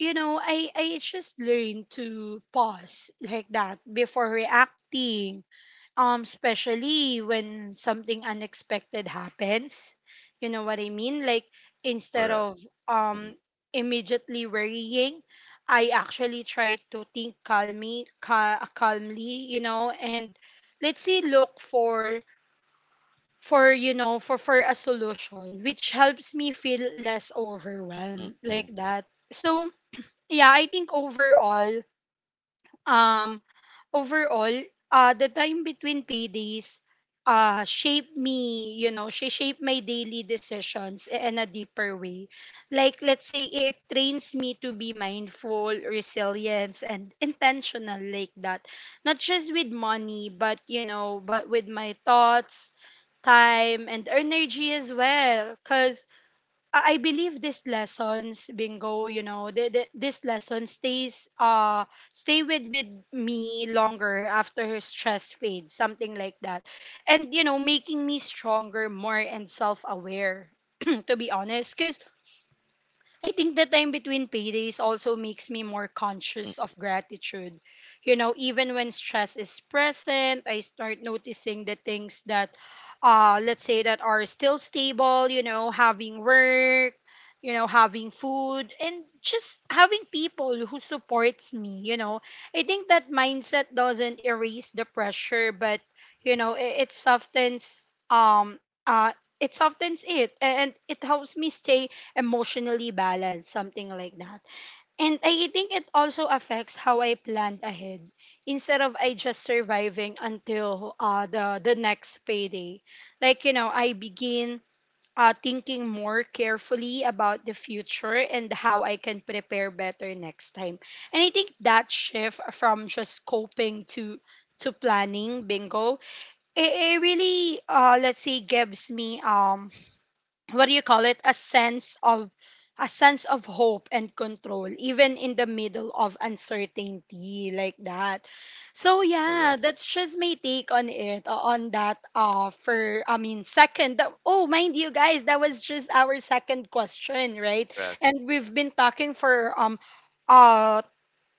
Speaker 1: you know, I just learned to pause like that before reacting, especially when something unexpected happens. You know what I mean? Like, instead
Speaker 2: Correct.
Speaker 1: of,
Speaker 2: Mm-mm.
Speaker 1: um immediately worrying, I actually try to think calmly, calmly, you know, and, let's say, look for, for a solution, which helps me feel less overwhelmed, like
Speaker 2: Mm-mm.
Speaker 1: that. So yeah, I think overall, um, overall, the time between paydays, shaped me, you know, she shaped my daily decisions in a deeper way. Like, let's say it trains me to be mindful, resilient, and intentional, like that. Not just with money, but, you know, but with my thoughts, time, and energy as well. Because I believe these lessons, bingo, you know, this lesson stays, stay with me longer after stress fades, something like that. And you know, making me stronger, more and self-aware, to be honest, cuz I think the time between paydays also makes me more conscious
Speaker 2: Mm.
Speaker 1: of gratitude. You know, even when stress is present, I start noticing the things that, let's say, that are still stable, you know, having work, you know, having food, and just having people who supports me, you know. I think that mindset doesn't erase the pressure, but, you know, it softens, um, uh, it softens it, and it helps me stay emotionally balanced, something like that. And I think it also affects how I plan ahead. Instead of I just surviving until, the next payday, like, you know, I begin, thinking more carefully about the future and how I can prepare better next time. And I think that shift from just coping to, planning, bingo, it really, let's say, gives me, what do you call it, a sense of, hope and control even in the middle of uncertainty, like that. So yeah,
Speaker 2: Correct.
Speaker 1: that's just my take on it, on that, for, I mean, second that- oh mind you, guys, that was just our second question, right?
Speaker 2: Correct.
Speaker 1: And we've been talking for uh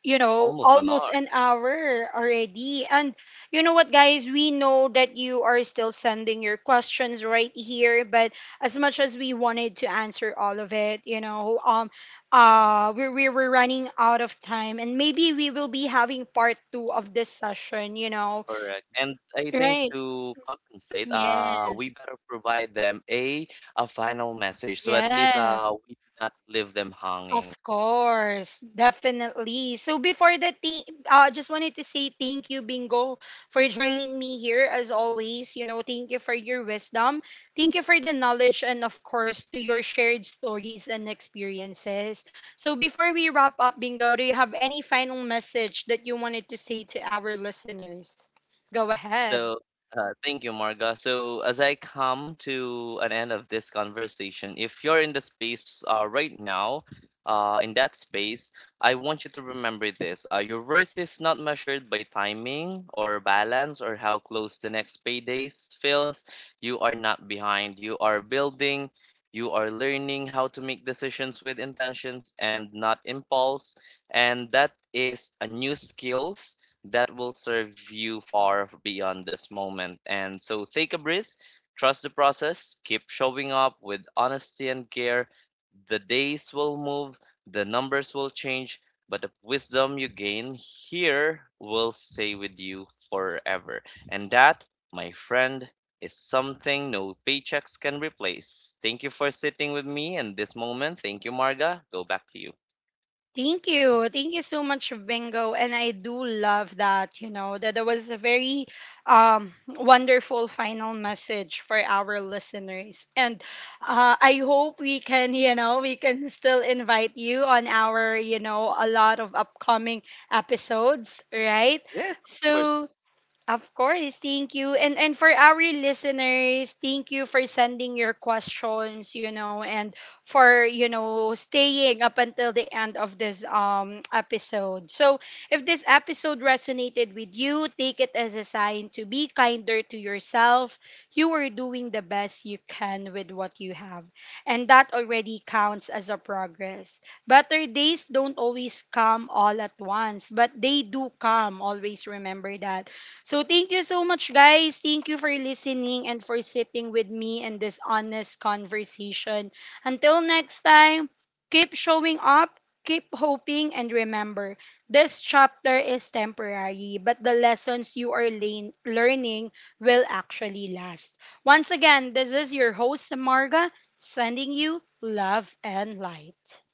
Speaker 1: you know,
Speaker 2: Almost an
Speaker 1: almost
Speaker 2: hour.
Speaker 1: an hour already. And you know what, guys? We know that you are still sending your questions right here, but as much as we wanted to answer all of it, you know, we were running out of time, and maybe we will be having part two of this session, you know,
Speaker 2: Correct. And I think
Speaker 1: right?
Speaker 2: to compensate,
Speaker 1: Yes.
Speaker 2: we better provide them a final message. So at least
Speaker 1: Yes.
Speaker 2: we not leave them hanging.
Speaker 1: Of course, definitely. So before the thing, I, just wanted to say thank you, Bingo, for joining me here as always. You know, thank you for your wisdom, thank you for the knowledge, and of course to your shared stories and experiences. So before we wrap up, Bingo, do you have any final message that you wanted to say to our listeners? Go ahead.
Speaker 2: So, thank you, Marga. So, as I come to an end of this conversation, if you're in the space right now, in that space, I want you to remember this. Your worth is not measured by timing or balance or how close the next paydays feels. You are not behind. You are building. You are learning how to make decisions with intentions and not impulse. And that is a new skill that will serve you far beyond this moment. And so take a breath, trust the process, keep showing up with honesty and care. The days will move, the numbers will change, but the wisdom you gain here will stay with you forever. And that, my friend, is something no paychecks can replace. Thank you for sitting with me in this moment. Thank you, Marga. Go back to you.
Speaker 1: Thank you. Thank you so much, Bingo. And I do love that, you know, that there was a very wonderful final message for our listeners. And I hope we can, you know, we can still invite you on our, you know, a lot of upcoming episodes, right?
Speaker 2: Yes, of course.
Speaker 1: So, of course, thank you. And for our listeners, thank you for sending your questions, you know, and for, you know, staying up until the end of this episode. So, if this episode resonated with you, take it as a sign to be kinder to yourself. You are doing the best you can with what you have, and that already counts as a progress. Better days don't always come all at once, but they do come. Always remember that. So thank you so much, guys. Thank you for listening and for sitting with me in this honest conversation. Until next time, keep showing up, keep hoping, and remember, this chapter is temporary, but the lessons you are learning will actually last. Once again, this is your host, Marga, sending you love and light.